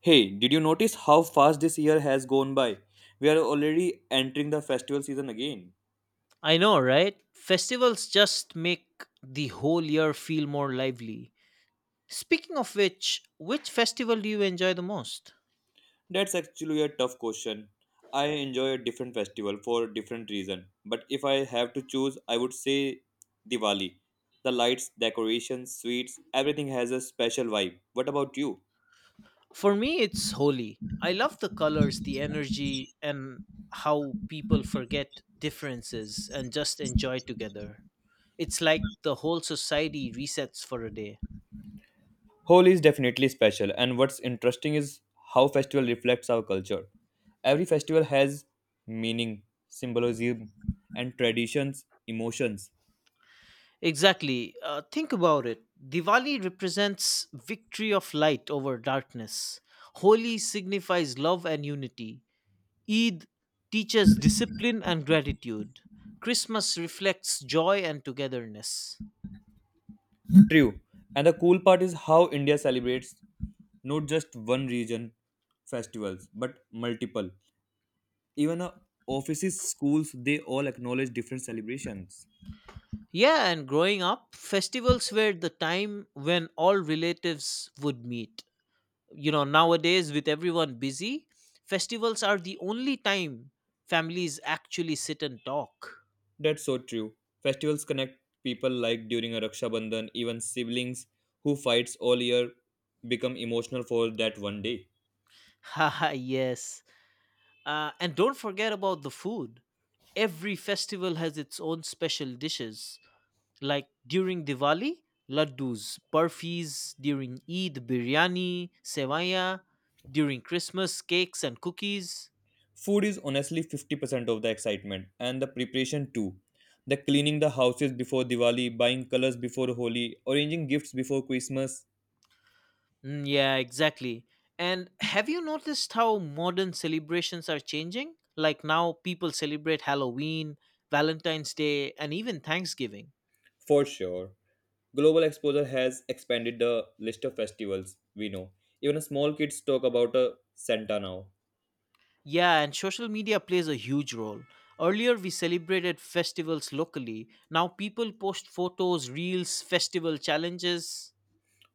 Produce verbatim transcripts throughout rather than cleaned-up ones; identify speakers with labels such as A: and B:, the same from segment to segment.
A: Hey, did you notice how fast this year has gone by? We are already entering the festival season again.
B: I know, right? Festivals just make the whole year feel more lively. Speaking of which, which festival do you enjoy the most?
A: That's actually a tough question. I enjoy a different festival for a different reason, but if I have to choose, I would say Diwali. The lights, decorations, sweets, everything has a special vibe. What about you?
B: For me, it's Holi. I love the colors, the energy, and how people forget differences and just enjoy together. It's like the whole society resets for a day.
A: Holi is definitely special, and what's interesting is how festival reflects our culture. Every festival has meaning, symbolism, and traditions, emotions.
B: Exactly. Uh, think about it. Diwali represents victory of light over darkness. Holi signifies love and unity. Eid teaches discipline and gratitude. Christmas reflects joy and togetherness.
A: True. And the cool part is how India celebrates not just one region festivals, but multiple. Even uh, offices, schools, they all acknowledge different celebrations.
B: Yeah, and growing up, festivals were the time when all relatives would meet. You know, nowadays, with everyone busy, festivals are the only time families actually sit and talk.
A: That's so true. Festivals connect people like during a Raksha Bandhan, even siblings who fights all year become emotional for that one day.
B: Haha, yes. Uh, and don't forget about the food. Every festival has its own special dishes, like during Diwali, laddus, burfis, during Eid, biryani, sevaya, during Christmas, cakes and cookies.
A: Food is honestly fifty percent of the excitement and the preparation too. The cleaning the houses before Diwali, buying colors before Holi, arranging gifts before Christmas.
B: Mm, yeah, exactly. And have you noticed how modern celebrations are changing? Like now, people celebrate Halloween, Valentine's Day, and even Thanksgiving.
A: For sure. Global exposure has expanded the list of festivals we know. Even small kids talk about a Santa now.
B: Yeah, and social media plays a huge role. Earlier, we celebrated festivals locally. Now, people post photos, reels, festival challenges.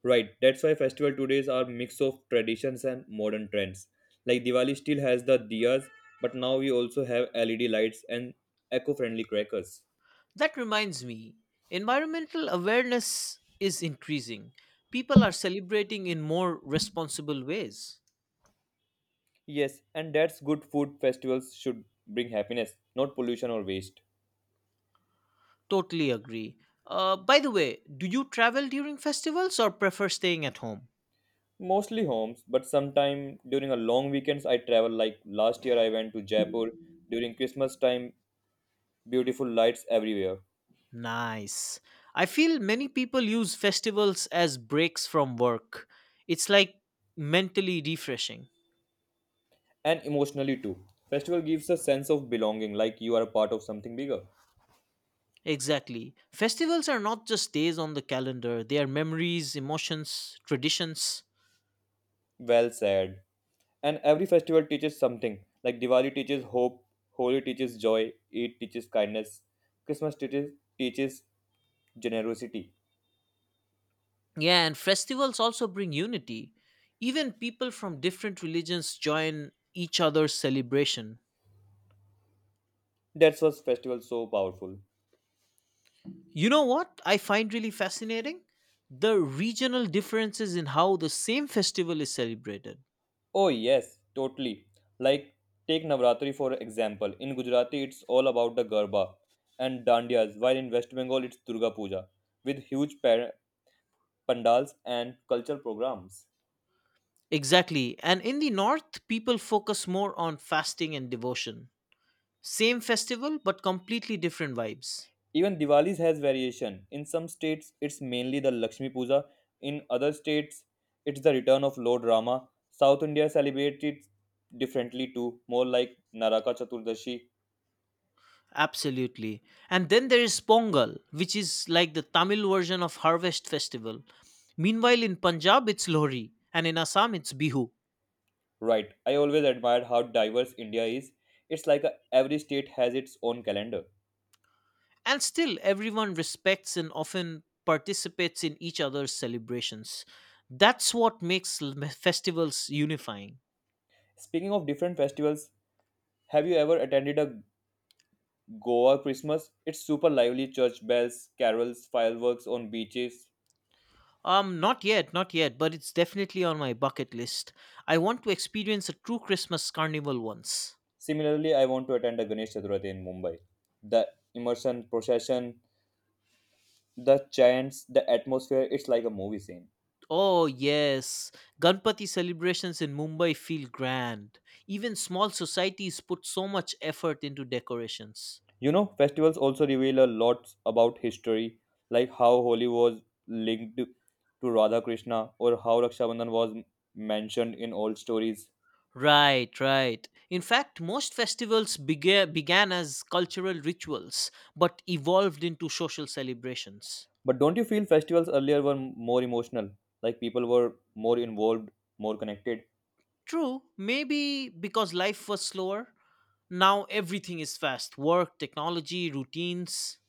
A: Right, that's why festival today's are mix of traditions and modern trends. Like Diwali still has the diyas, but now we also have L E D lights and eco-friendly crackers.
B: That reminds me, environmental awareness is increasing. People are celebrating in more responsible ways.
A: Yes, and that's good food festivals should bring happiness, not pollution or waste.
B: Totally agree. Uh, by the way, do you travel during festivals or prefer staying at home?
A: Mostly homes, but sometime during a long weekends I travel, like last year I went to Jaipur during Christmas time, beautiful lights everywhere.
B: Nice. I feel many people use festivals as breaks from work. It's like mentally refreshing.
A: And emotionally too. Festival gives a sense of belonging, like you are a part of something bigger.
B: Exactly. Festivals are not just days on the calendar, they are memories, emotions, traditions.
A: Well said. And every festival teaches something, like Diwali teaches hope, Holi teaches joy, Eid teaches kindness, Christmas teaches teaches generosity.
B: Yeah, and festivals also bring unity. Even people from different religions join each other's celebration.
A: That's what's festival so powerful.
B: You know what I find really fascinating? The regional differences in how the same festival is celebrated.
A: Oh yes, totally. Like take Navratri for example. In Gujarati, it's all about the Garba and Dandiyas, while in West Bengal, it's Durga Puja with huge par- pandals, and cultural programs.
B: Exactly. And in the north, people focus more on fasting and devotion. Same festival, but completely different vibes.
A: Even Diwali's has variation. In some states, it's mainly the Lakshmi Puja. In other states, it's the return of Lord Rama. South India celebrates it differently too, more like Naraka Chaturdashi.
B: Absolutely. And then there is Pongal, which is like the Tamil version of Harvest Festival. Meanwhile, in Punjab, it's Lohri, and in Assam, it's Bihu.
A: Right. I always admired how diverse India is. It's like a, every state has its own calendar.
B: And still, everyone respects and often participates in each other's celebrations. That's what makes l- festivals unifying.
A: Speaking of different festivals, have you ever attended a Goa Christmas? It's super lively, church bells, carols, fireworks on beaches.
B: Um, not yet, not yet, but it's definitely on my bucket list. I want to experience a true Christmas carnival once.
A: Similarly, I want to attend a Ganesh Chaturthi in Mumbai. The immersion, procession, the chants, the atmosphere, it's like a movie scene.
B: Oh, yes. Ganpati celebrations in Mumbai feel grand. Even small societies put so much effort into decorations.
A: You know, festivals also reveal a lot about history, like how Holi was linked to Radha Krishna or how Raksha Bandhan was mentioned in old stories.
B: Right, right. In fact, most festivals bega- began as cultural rituals but evolved into social celebrations.
A: But don't you feel festivals earlier were more emotional? Like people were more involved, more connected?
B: True, maybe because life was slower. Now everything is fast: work, technology, routines.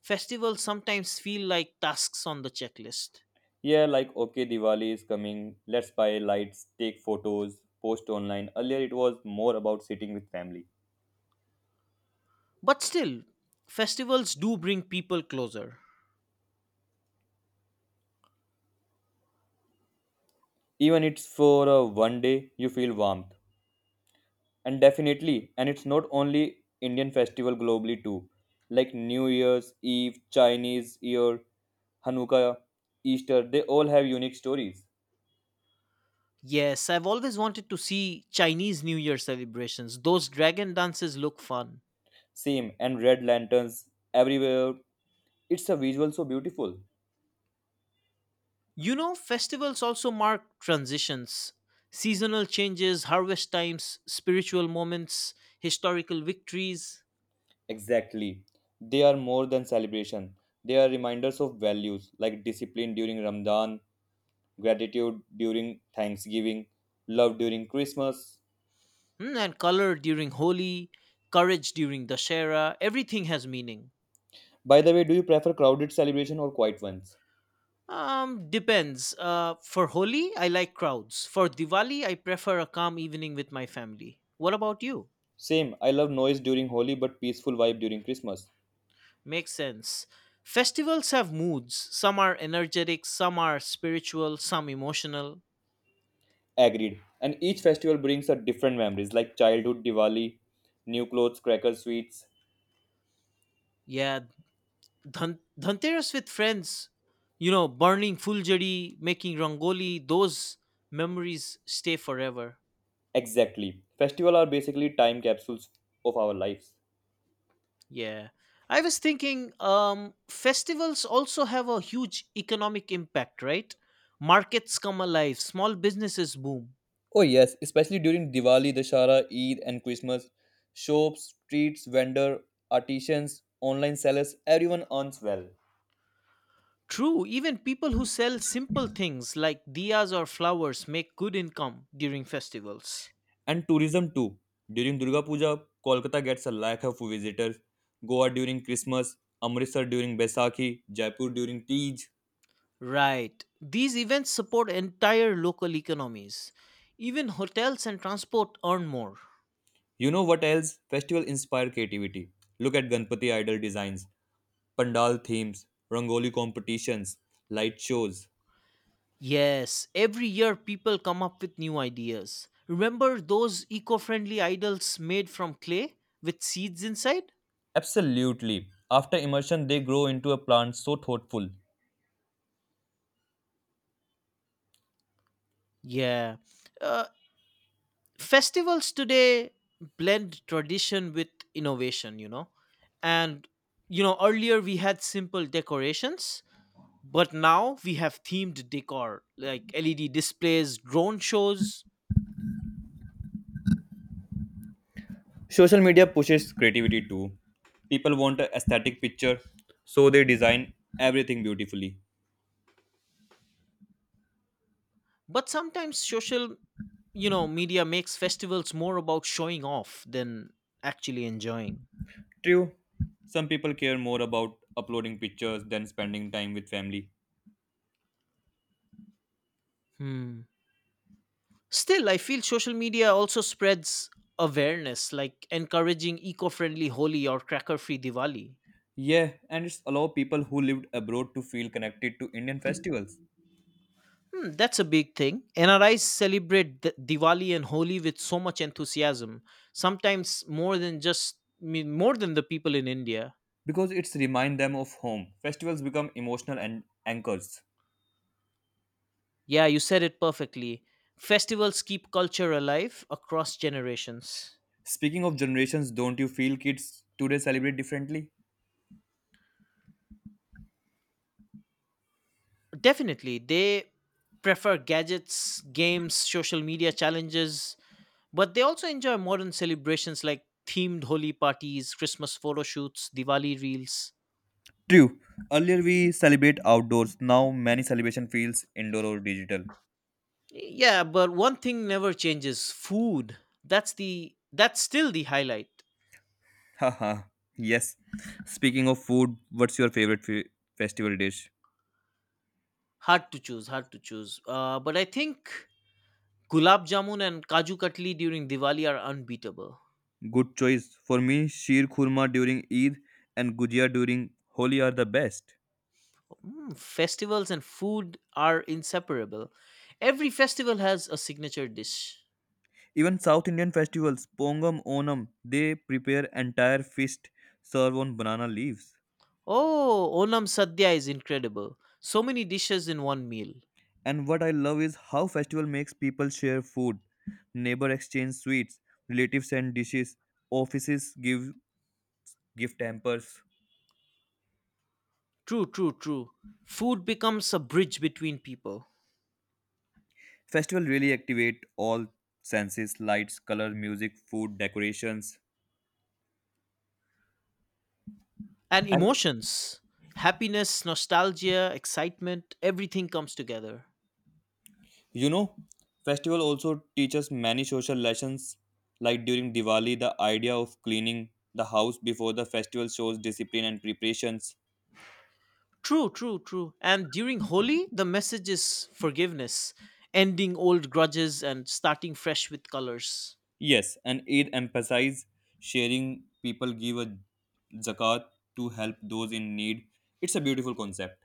B: Festivals sometimes feel like tasks on the checklist.
A: Yeah, like okay, Diwali is coming. Let's buy lights, take photos, post online. Earlier, it was more about sitting with family.
B: But still, festivals do bring people closer.
A: Even it's for a one day, you feel warmth. And definitely, and it's not only Indian festival, globally too. Like New Year's Eve, Chinese Year, Hanukkah, Easter, they all have unique stories.
B: Yes, I've always wanted to see Chinese New Year celebrations. Those dragon dances look fun.
A: Same, and red lanterns everywhere. It's a visual so beautiful.
B: You know, festivals also mark transitions, seasonal changes, harvest times, spiritual moments, historical victories,
A: Exactly. They are more than celebration. They are reminders of values like discipline during Ramadan, gratitude during Thanksgiving, love during Christmas.
B: mm, and color during Holi, courage during Dashera. Everything has meaning.
A: By the way, do you prefer crowded celebration or quiet ones?
B: Um, depends. Uh, for Holi, I like crowds. For Diwali, I prefer a calm evening with my family. What about you?
A: Same. I love noise during Holi but peaceful vibe during Christmas.
B: Makes sense. Festivals have moods. Some are energetic, some are spiritual, some emotional.
A: Agreed. And each festival brings a different memories, like childhood Diwali, new clothes, crackers, sweets.
B: Yeah, dhan- dhanteras with friends, you know, burning fuljari, making rangoli, those memories stay forever.
A: Exactly. Festival are basically time capsules of our lives.
B: Yeah. I was thinking um festivals also have a huge economic impact, right? Markets come alive, small businesses boom.
A: Oh yes, especially during Diwali, Dashara, Eid and Christmas. Shops, streets, vendor, artisans, online sellers, everyone earns well.
B: True, even people who sell simple things like diyas or flowers make good income during festivals.
A: And tourism too. During Durga Puja, Kolkata gets a lakh of visitors. Goa during Christmas, Amritsar during Baisakhi, Jaipur during Tej.
B: Right. These events support entire local economies. Even hotels and transport earn more.
A: You know what else? Festival inspire creativity. Look at Ganpati idol designs, pandal themes, rangoli competitions, light shows.
B: Yes, every year people come up with new ideas. Remember those eco friendly idols made from clay with seeds inside?
A: Absolutely. After immersion, they grow into a plant, so thoughtful.
B: Yeah. Uh, Festivals today blend tradition with innovation, you know. And, you know, earlier we had simple decorations, but now we have themed decor like L E D displays, drone shows,
A: Social media pushes creativity too. People want an aesthetic picture, so they design everything beautifully.
B: but sometimes social, you know, media makes festivals more about showing off than actually enjoying.
A: True, some people care more about uploading pictures than spending time with family.
B: Hmm. Still, I feel social media also spreads awareness, like encouraging eco-friendly Holi or cracker-free Diwali.
A: Yeah, and it's allow people who lived abroad to feel connected to Indian festivals
B: Hmm, that's a big thing. NRIs celebrate D- diwali and Holi with so much enthusiasm, sometimes more than just me, more than the people in India.
A: because it's remind them of home. Festivals become emotional and anchors.
B: Yeah, you said it perfectly. Festivals keep culture alive across generations.
A: Speaking of generations, don't you feel kids today celebrate differently?
B: Definitely, they prefer gadgets, games, social media challenges, but they also enjoy modern celebrations like themed Holi parties, Christmas photo shoots, Diwali reels.
A: True. Earlier we celebrate outdoors. Now many celebration feels indoor or digital.
B: Yeah, but one thing never changes: food. That's the that's still the highlight.
A: Haha, yes. Speaking of food, what's your favorite fe- festival dish?
B: Hard to choose, hard to choose. Uh, but I think gulab jamun and kaju katli during Diwali are unbeatable.
A: Good choice. For me, sheer khurma during Eid and gujia during Holi are the best.
B: Mm, festivals and food are inseparable. Every festival has a signature dish.
A: Even South Indian festivals, Pongam, Onam, they prepare entire feast served on banana leaves.
B: Oh, Onam Sadhya is incredible. So many dishes in one meal.
A: And what I love is how festival makes people share food, neighbor exchange sweets, relatives send dishes, offices give gift hampers.
B: True, true, true. Food becomes a bridge between people
A: Festival really activate all senses, lights, color, music, food, decorations.
B: and
A: And
B: emotions. Happiness, nostalgia, excitement, everything comes together.
A: you know, festival also teaches many social lessons. Like during Diwali, the idea of cleaning the house before the festival shows discipline and preparations.
B: True, true, true. And during Holi, the message is forgiveness, ending old grudges and starting fresh with colors.
A: Yes, and Eid emphasizes sharing. People give a zakat to help those in need. It's a beautiful concept.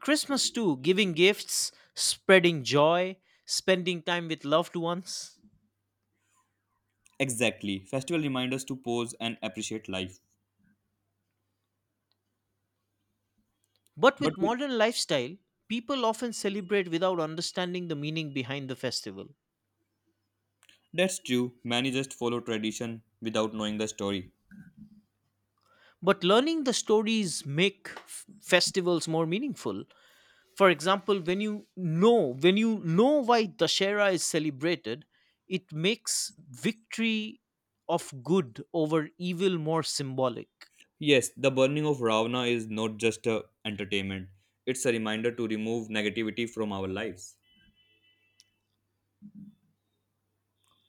B: Christmas, too, giving gifts, spreading joy, spending time with loved ones.
A: Exactly. Festival remind us to pause and appreciate life.
B: But
A: But
B: with
A: we,
B: modern lifestyle, people often celebrate without understanding the meaning behind the festival.
A: that's true, many just follow tradition without knowing the story.
B: But learning the stories make f- festivals more meaningful. For example, when you know when you know why Dashera is celebrated, it makes victory of good over evil more symbolic.
A: Yes, the burning of Ravana is not just a entertainment. It's a reminder to remove negativity from our lives.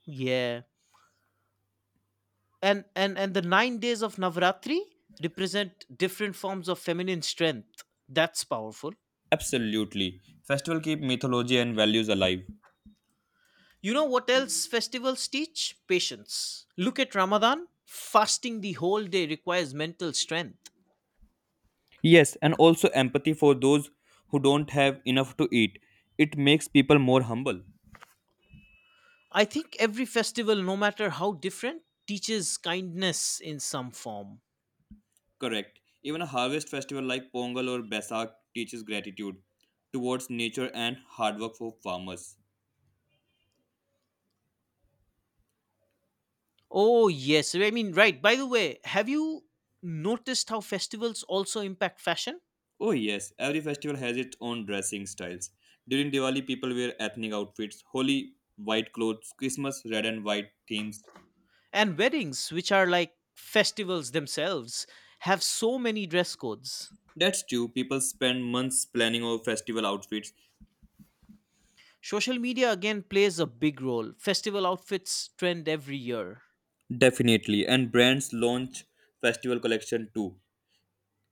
B: Yeah. And and and the nine days of Navratri represent different forms of feminine strength. That's powerful.
A: Absolutely. Festival keep mythology and values alive.
B: You know what else festivals teach? Patience. Look at Ramadan. Fasting the whole day requires mental strength.
A: Yes, and also empathy for those who don't have enough to eat. It makes people more humble.
B: I think every festival, no matter how different, teaches kindness in some form.
A: Correct. Even a harvest festival like Pongal or Basak teaches gratitude towards nature and hard work for farmers.
B: Oh, yes. I mean, right. By the way, have you noticed how festivals also impact fashion?
A: Oh yes, every festival has its own dressing styles. During Diwali, people wear ethnic outfits, Holi white clothes, Christmas red and white themes.
B: And weddings, which are like festivals themselves, have so many dress codes.
A: That's true. People spend months planning over festival outfits.
B: Social media again plays a big role. Festival outfits trend every year.
A: Definitely, and brands launch festival collection too,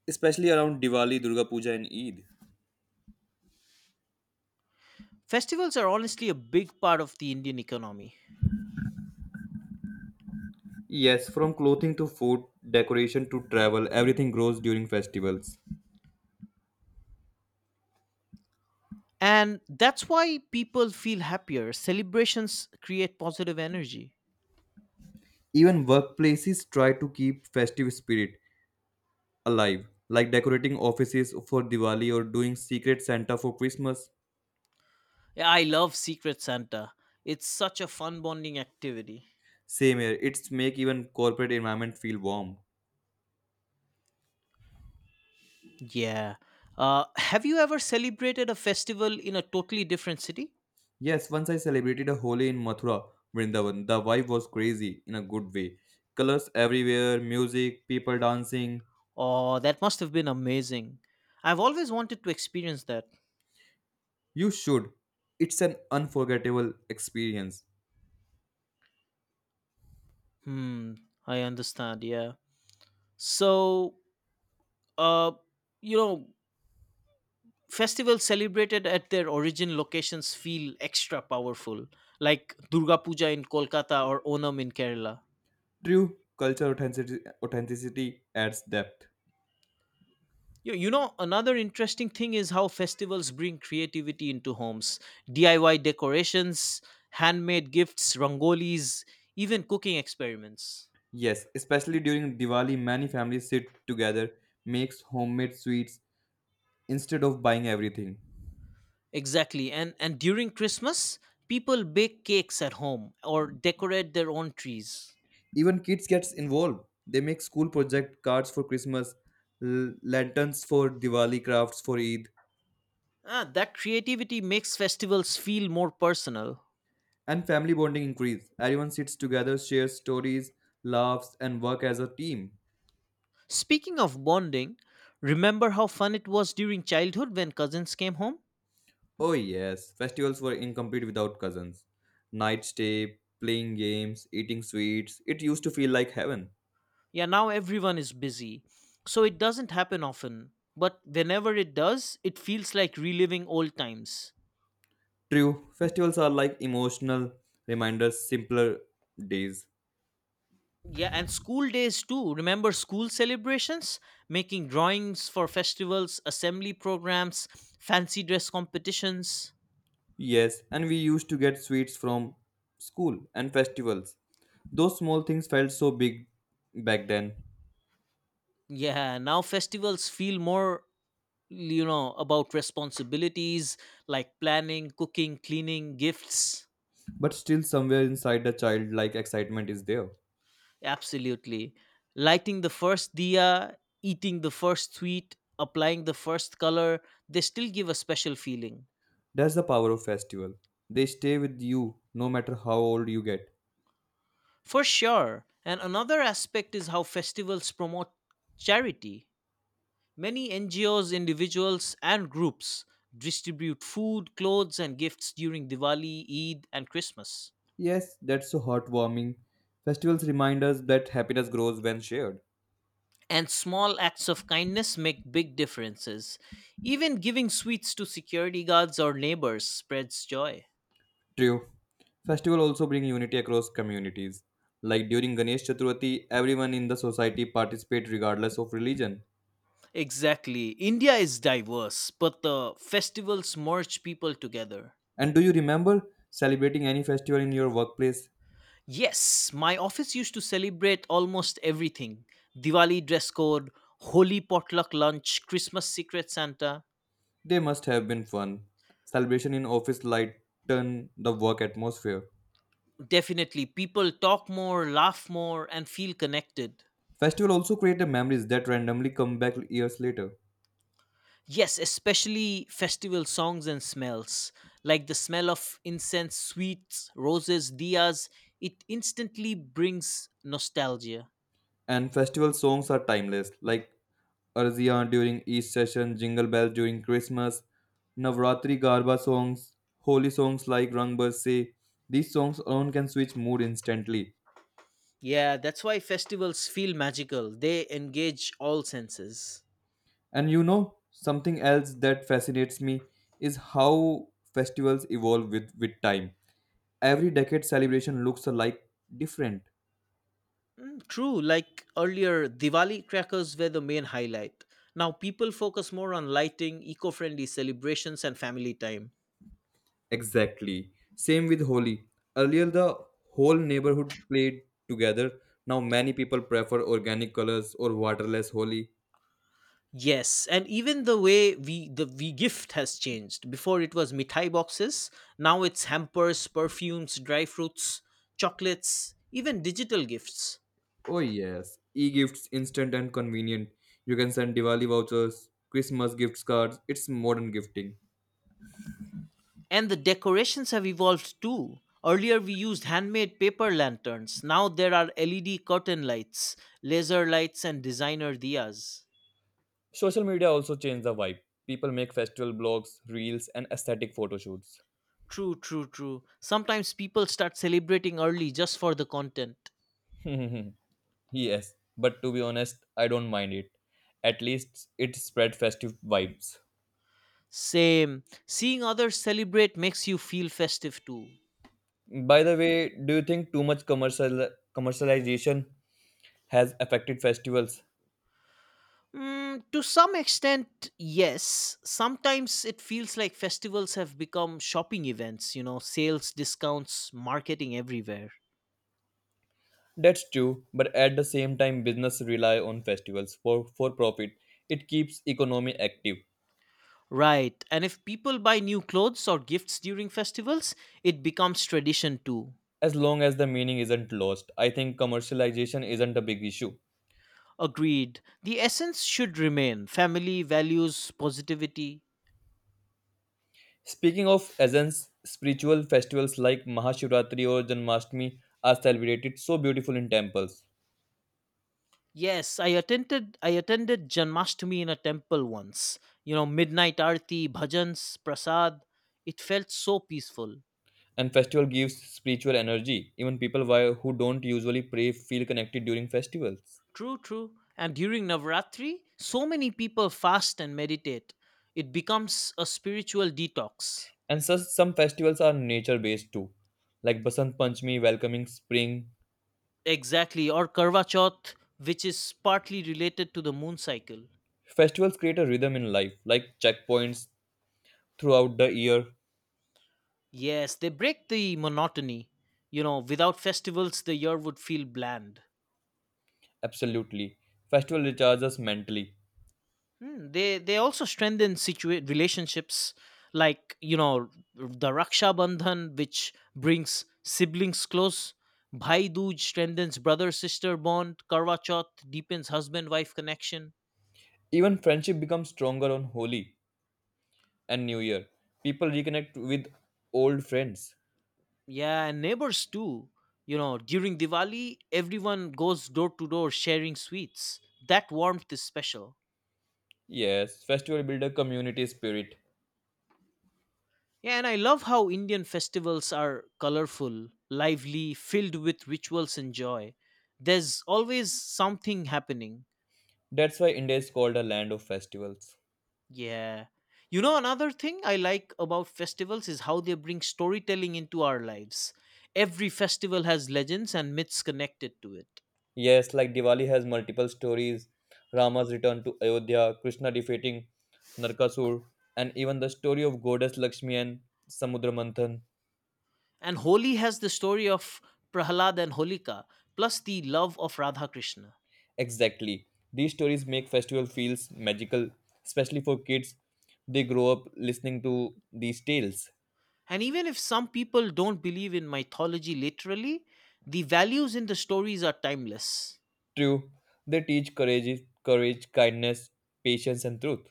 A: especially around Diwali, Durga Puja, and Eid.
B: Festivals are honestly a big part of the Indian economy.
A: Yes, from clothing to food, decoration to travel, everything grows during festivals.
B: And that's why people feel happier. Celebrations create positive energy.
A: Even workplaces try to keep festive spirit alive, like decorating offices for Diwali or doing secret Santa for Christmas.
B: Yeah, I love Secret Santa. It's such a fun bonding activity.
A: Same here, it's make even corporate environment feel warm.
B: Yeah. Uh, have you ever celebrated a festival in a totally different city?
A: Yes, once I celebrated a Holi in Mathura, Vrindavan. The vibe was crazy in a good way. Colors everywhere, music, people dancing.
B: Oh, that must have been amazing. I've always wanted to experience that.
A: You should. It's an unforgettable experience.
B: Hmm, I understand. Yeah. So, uh, you know, festivals celebrated at their origin locations feel extra powerful, like Durga Puja in Kolkata or Onam in Kerala.
A: True, culture authenticity, authenticity adds depth.
B: You, you know, another interesting thing is how festivals bring creativity into homes. D I Y decorations, handmade gifts, rangolis, even cooking experiments.
A: Yes, especially during Diwali, many families sit together, makes homemade sweets, instead of buying everything.
B: Exactly. And and during Christmas, people bake cakes at home or decorate their own trees.
A: Even kids gets involved. They make school project cards for Christmas, l- lanterns for Diwali, crafts for Eid,
B: Ah, that creativity makes festivals feel more personal.
A: and family bonding increase. Everyone sits together, shares stories, laughs, and work as a team.
B: Speaking of bonding, remember how fun it was during childhood when cousins came home?
A: Oh yes, festivals were incomplete without cousins. Night stay, playing games, eating sweets. It used to feel like heaven.
B: Yeah, now everyone is busy, so it doesn't happen often. But whenever it does, it feels like reliving old times.
A: True, festivals are like emotional reminders, simpler days.
B: Yeah, and school days too. Remember school celebrations? Making drawings for festivals, assembly programs, fancy dress competitions.
A: Yes, and we used to get sweets from school and festivals. Those small things felt so big back then,
B: Yeah, now festivals feel more, you know, about responsibilities like planning, cooking, cleaning, gifts.
A: but still somewhere inside the childlike excitement is there.
B: Absolutely. Lighting the first diya, eating the first sweet, applying the first color, they still give a special feeling.
A: That's the power of festival. They stay with you no matter how old you get.
B: For sure. And another aspect is how festivals promote charity. Many N G Os, individuals, and groups distribute food, clothes, and gifts during Diwali, Eid, and Christmas.
A: Yes, that's so heartwarming. Festivals remind us that happiness grows when shared.
B: And small acts of kindness make big differences. Even giving sweets to security guards or neighbors spreads joy.
A: True. Festival also bring unity across communities. Like during Ganesh Chaturthi, everyone in the society participate regardless of religion.
B: Exactly. India is diverse, but the festivals merge people together.
A: And do you remember celebrating any festival in your workplace?
B: Yes, my office used to celebrate almost everything: Diwali dress code, Holi potluck lunch, Christmas secret Santa.
A: They must have been fun. Celebration in office lighten the work atmosphere.
B: Definitely, people talk more, laugh more, and feel connected.
A: Festival also create the memories that randomly come back years later.
B: Yes, especially festival songs and smells, like the smell of incense, sweets, roses, diyas. It instantly brings nostalgia.
A: And festival songs are timeless, like Arzia during each session, Jingle Bells during Christmas, Navratri Garba songs, holy songs like Rang Barse. These songs alone can switch mood instantly.
B: Yeah, that's why festivals feel magical. They engage all senses.
A: And you know, something else that fascinates me is how festivals evolve with, with time. Every decade celebration looks alike different.
B: True, like earlier, Diwali crackers were the main highlight. Now people focus more on lighting, eco-friendly celebrations and family time.
A: Exactly. Same with Holi. Earlier the whole neighborhood played together. Now many people prefer organic colors or waterless Holi.
B: Yes, and even the way we the we gift has changed. Before it was mithai boxes, now it's hampers, perfumes, dry fruits, chocolates, even digital gifts.
A: Oh yes, e-gifts, instant and convenient. You can send Diwali vouchers, Christmas gift cards. It's modern gifting.
B: And the decorations have evolved too. Earlier, we used handmade paper lanterns. Now there are L E D curtain lights, laser lights, and designer diyas.
A: Social media also changed the vibe. People make festival blogs, reels, and aesthetic photo shoots.
B: True, true, true. Sometimes people start celebrating early just for the content.
A: Yes, but to be honest, I don't mind it. At least it spread festive vibes.
B: Same. Seeing others celebrate makes you feel festive too.
A: By the way, do you think too much commercial commercialization has affected festivals?
B: Mm, to some extent, yes. Sometimes it feels like festivals have become shopping events, you know, sales, discounts, marketing everywhere.
A: That's true, but at the same time, business rely on festivals for for profit. It keeps economy active.
B: Right, and if people buy new clothes or gifts during festivals, it becomes tradition too.
A: As long as the meaning isn't lost, I think commercialization isn't a big issue.
B: Agreed. The essence should remain family, values, positivity.
A: Speaking of essence, spiritual festivals like Mahashivratri or Janmashtami are celebrated so beautiful in temples.
B: Yes, I attended I attended Janmashtami in a temple once. You know, midnight aarti, bhajans, prasad. It felt so peaceful.
A: And festival gives spiritual energy. Even people why- who don't usually pray feel connected during festivals.
B: True, true. And during Navratri, so many people fast and meditate. It becomes a spiritual detox.
A: And so some festivals are nature based too, like Basant Panchami, welcoming spring.
B: Exactly, or Karva Chauth, which is partly related to the moon cycle.
A: Festivals create a rhythm in life, like checkpoints throughout the year.
B: Yes, they break the monotony. You know, without festivals, the year would feel bland.
A: Absolutely. Festival recharges us mentally.
B: Hmm, they they also strengthen situa- relationships, like, you know, the Raksha Bandhan, which brings siblings close. Bhai Dooj strengthens brother sister bond. Karva Chauth deepens husband wife connection.
A: Even friendship becomes stronger on Holi and New Year. People reconnect with old friends.
B: Yeah, and neighbors too. You know, during Diwali, everyone goes door to door sharing sweets. That warmth is special.
A: Yes, festival build a community spirit.
B: Yeah, and I love how Indian festivals are colorful, lively, filled with rituals and joy. There's always something happening.
A: That's why India is called a land of festivals.
B: Yeah. You know, another thing I like about festivals is how they bring storytelling into our lives. Every festival has legends and myths connected to it.
A: Yes, like Diwali has multiple stories. Rama's return to Ayodhya, Krishna defeating Narkasur, and even the story of goddess Lakshmi and Samudra Manthan.
B: And Holi has the story of Prahlad and Holika, plus the love of Radha Krishna.
A: Exactly. These stories make festival feels magical, especially for kids. They grow up listening to these tales.
B: And even if some people don't believe in mythology literally, the values in the stories are timeless.
A: True, they teach courage, courage, kindness, patience, and truth.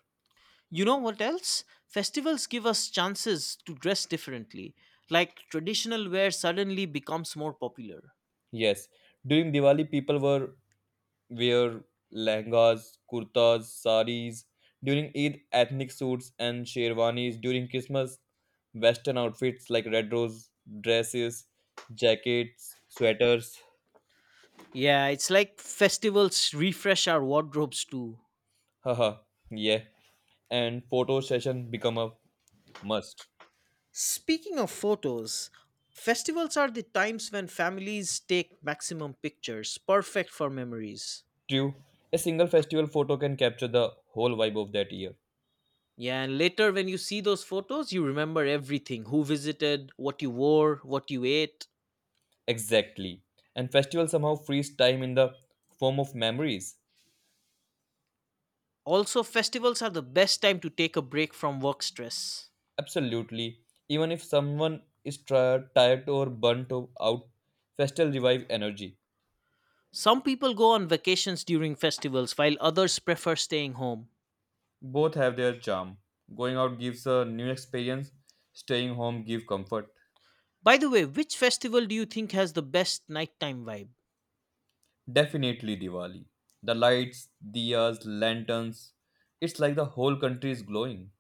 B: You know what else? Festivals give us chances to dress differently, like traditional wear suddenly becomes more popular.
A: Yes, during Diwali, people were wear langas, kurtas, saris. During Eid, ethnic suits and sherwanis. During Christmas, Western outfits like red rose dresses, jackets, sweaters.
B: Yeah, it's like festivals refresh our wardrobes too.
A: Haha, yeah. And photo session become a must.
B: Speaking of photos, festivals are the times when families take maximum pictures, perfect for memories.
A: True, a single festival photo can capture the whole vibe of that year.
B: Yeah, and later when you see those photos, you remember everything who visited, what you wore, what you ate.
A: Exactly. And festival somehow frees time in the form of memories.
B: Also, festivals are the best time to take a break from work stress.
A: Absolutely. Even if someone is tri- tired or burnt o- out, festival revive energy.
B: Some people go on vacations during festivals, while others prefer staying home.
A: Both have their charm. Going out gives a new experience, staying home give comfort.
B: By the way, which festival do you think has the best nighttime vibe?
A: Definitely Diwali. The lights, diyas, lanterns. It's like the whole country is glowing.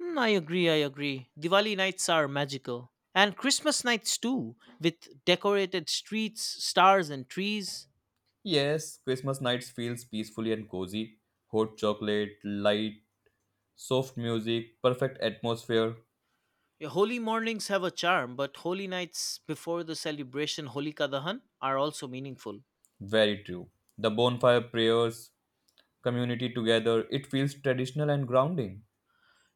B: Hmm, I agree, I agree. Diwali nights are magical. And Christmas nights too, with decorated streets, stars, and trees.
A: Yes, Christmas nights feels peacefully and cozy. Hot chocolate, light soft music, perfect atmosphere,
B: Yeah, holy mornings have a charm, but holy nights before the celebration Holika Dahan are also meaningful.
A: very true. The bonfire prayers, community together, it feels traditional and grounding.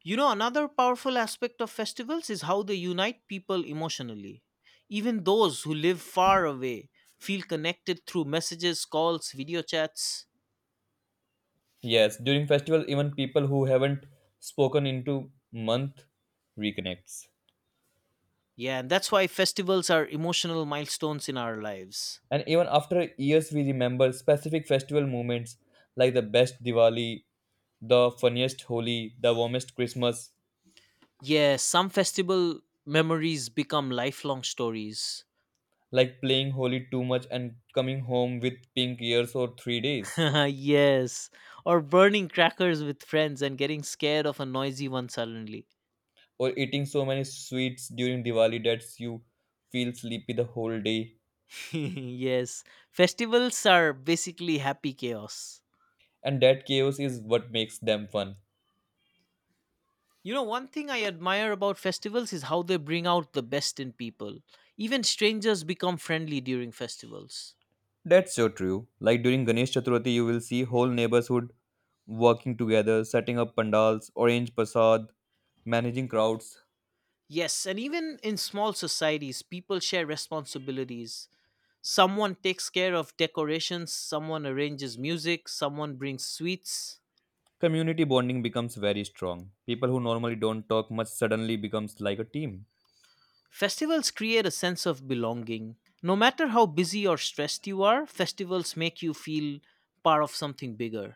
B: You know, another powerful aspect of festivals is how they unite people emotionally. Even those who live far away feel connected through messages, calls, video chats.
A: Yes, during festival even people who haven't spoken into month reconnects.
B: Yeah, and that's why festivals are emotional milestones in our lives.
A: And even after years we remember specific festival moments like the best Diwali, the funniest Holi, the warmest Christmas,
B: Yes, some festival memories become lifelong stories.
A: like playing Holi too much and coming home with pink ears or three days,
B: Yes, or burning crackers with friends and getting scared of a noisy one suddenly.
A: or eating so many sweets during Diwali that you feel sleepy the whole day.
B: Yes, festivals are basically happy chaos.
A: And that chaos is what makes them fun.
B: You know, one thing I admire about festivals is how they bring out the best in people. Even strangers become friendly during festivals.
A: That's so true. Like during Ganesh Chaturthi, you will see whole neighborhood working together, setting up pandals, orange prasad, managing crowds.
B: Yes, and even in small societies, people share responsibilities someone takes care of decorations, someone arranges music, someone brings sweets.
A: Community bonding becomes very strong. People who normally don't talk much suddenly becomes like a team.
B: Festivals create a sense of belonging. No matter how busy or stressed you are, festivals make you feel part of something bigger.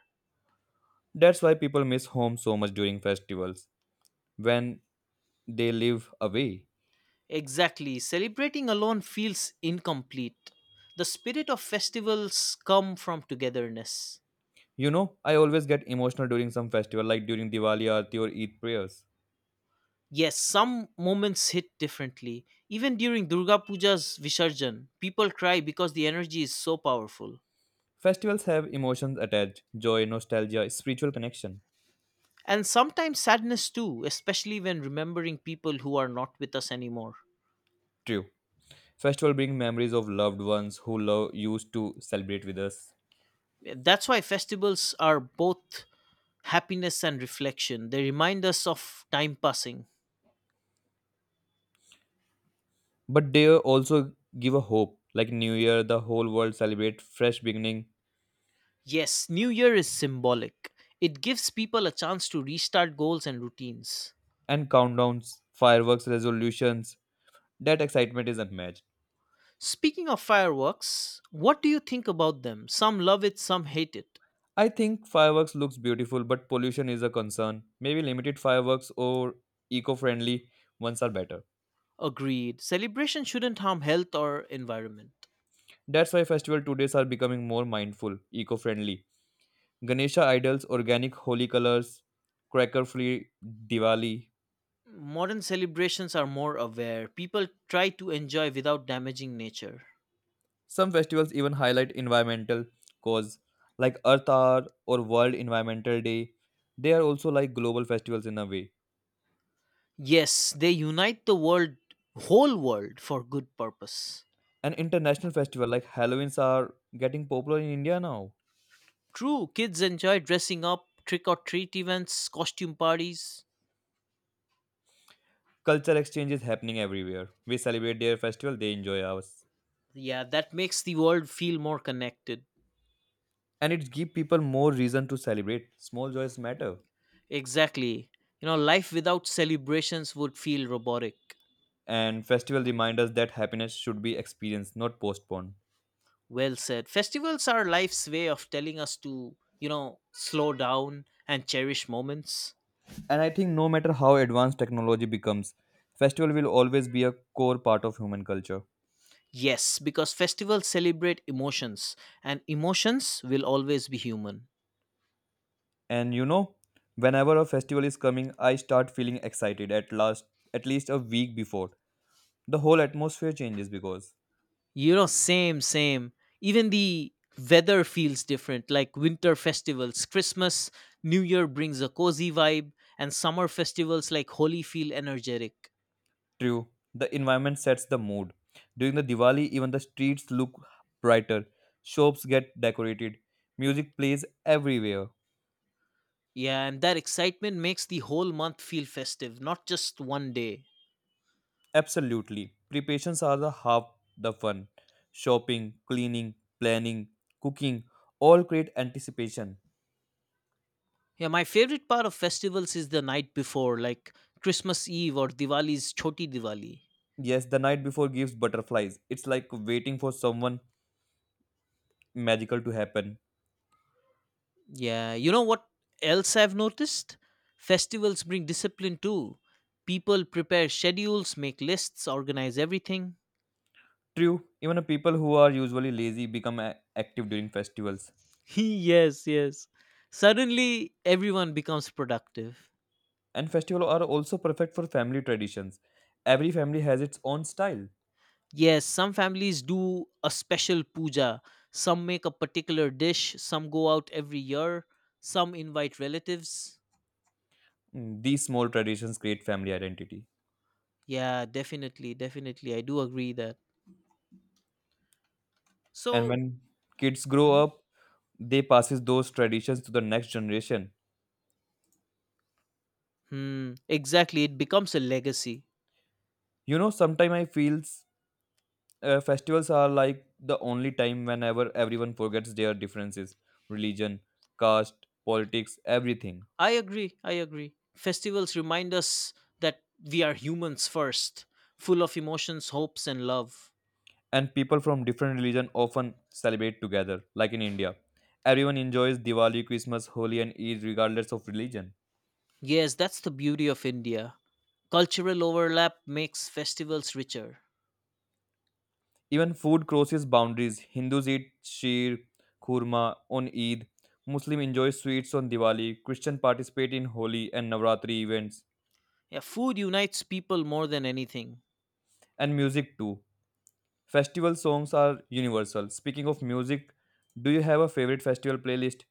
A: That's why people miss home so much during festivals when they live away.
B: Exactly, celebrating alone feels incomplete. The spirit of festivals come from togetherness.
A: You know, I always get emotional during some festival, like during Diwali, Aarti, or Eid prayers.
B: Yes, some moments hit differently. Even during Durga Puja's Visarjan, people cry because the energy is so powerful.
A: Festivals have emotions attached joy, nostalgia, spiritual connection.
B: And sometimes sadness too, especially when remembering people who are not with us anymore.
A: True. Festival bring memories of loved ones who love used to celebrate with us.
B: That's why festivals are both happiness and reflection. They remind us of time passing.
A: But they also give a hope. Like New Year, the whole world celebrate fresh beginning
B: Yes, New Year is symbolic. It gives people a chance to restart goals and routines.
A: and countdowns, fireworks, resolutions. That excitement is unmatched.
B: Speaking of fireworks, what do you think about them? Some love it, some hate it.
A: I think fireworks looks beautiful, but pollution is a concern. Maybe limited fireworks or eco-friendly ones are better.
B: Agreed. Celebration shouldn't harm health or environment.
A: That's why festival today are becoming more mindful, eco-friendly. Ganesha idols, organic holy colors, cracker-free Diwali.
B: Modern celebrations are more aware. People try to enjoy without damaging nature.
A: Some festivals even highlight environmental cause like Earth Hour or World Environmental Day. They are also like global festivals in a way.
B: Yes, they unite the world, whole world, for good purpose.
A: An international festival like Halloween's are getting popular in India now.
B: True, kids enjoy dressing up, trick or treat events, costume parties.
A: Culture exchange is happening everywhere. We celebrate their festival, they enjoy ours.
B: Yeah, that makes the world feel more connected.
A: And it gives people more reason to celebrate. Small joys matter.
B: Exactly. You know, life without celebrations would feel robotic.
A: And festival remind us that happiness should be experienced not postponed.
B: Well said. Festivals are life's way of telling us to, you know, slow down and cherish moments.
A: And I think no matter how advanced technology becomes, festival will always be a core part of human culture.
B: Yes, because festivals celebrate emotions, and emotions will always be human.
A: And you know whenever a festival is coming, I start feeling excited at last at least a week before. The whole atmosphere changes because
B: You know, same, same. Even the weather feels different, like winter festivals, Christmas, New Year brings a cozy vibe, and summer festivals like Holi feel energetic.
A: true the environment sets the mood. During the Diwali even the streets look brighter, shops get decorated, music plays everywhere.
B: Yeah, and that excitement makes the whole month feel festive, not just one day.
A: Absolutely. Preparations are the half the fun. Shopping, cleaning, planning, cooking all create anticipation.
B: Yeah, my favorite part of festivals is the night before, like Christmas Eve or Diwali's Choti Diwali.
A: Yes, the night before gives butterflies. It's like waiting for someone magical to happen.
B: Yeah, you know what else I've noticed? Festivals bring discipline too. People prepare schedules, make lists, organize everything.
A: True, even the people who are usually lazy become a- active during festivals.
B: Yes, yes. Suddenly, everyone becomes productive.
A: And festivals are also perfect for family traditions. Every family has its own style.
B: Yes, some families do a special puja. Some make a particular dish. Some go out every year. Some invite relatives.
A: Mm, these small traditions create family identity.
B: Yeah, definitely, definitely. I do agree that.
A: And
B: So,
A: when kids grow
B: mhm,
A: up, they passes those traditions to the next generation.
B: hmm, exactly. It becomes a legacy.
A: You know, sometimes I feels uh, festivals are like the only time whenever everyone forgets their differences, religion, caste, politics, everything.
B: I agree. I agree. Festivals remind us that we are humans first, full of emotions, hopes, and love.
A: And people from different religion often celebrate together, like in India. Everyone enjoys Diwali, Christmas, Holi, and Eid regardless of religion.
B: Yes, that's the beauty of India. Cultural overlap makes festivals richer.
A: Even food crosses boundaries. Hindus eat sheer, kurma on Eid. Muslim enjoy sweets on Diwali. Christian participate in Holi and Navratri events,
B: Yeah, food unites people more than anything.
A: and music too. Festival songs are universal. Speaking of music, do you have a favorite festival playlist?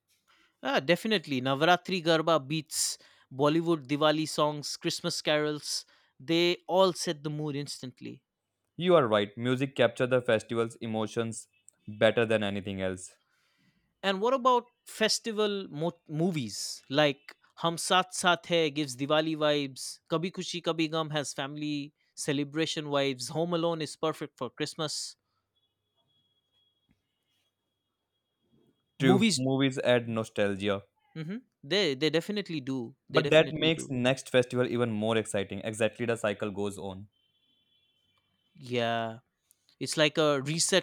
B: Ah, definitely. Navaratri Garba beats, Bollywood Diwali songs, Christmas carols, they all set the mood instantly.
A: You are right. Music captures the festival's emotions better than anything else.
B: And what about festival mo- movies like Hum Saath Saath Hai gives Diwali vibes, Kabhi Kushi Kabhi Gum has family celebration vibes, Home Alone is perfect for Christmas.
A: True,
B: Movies,
A: movies add nostalgia,
B: mhm, they they definitely do. They
A: but that
B: definitely
A: makes
B: do.
A: next festival even more exciting. Exactly the cycle goes on.
B: Yeah, it's like a reset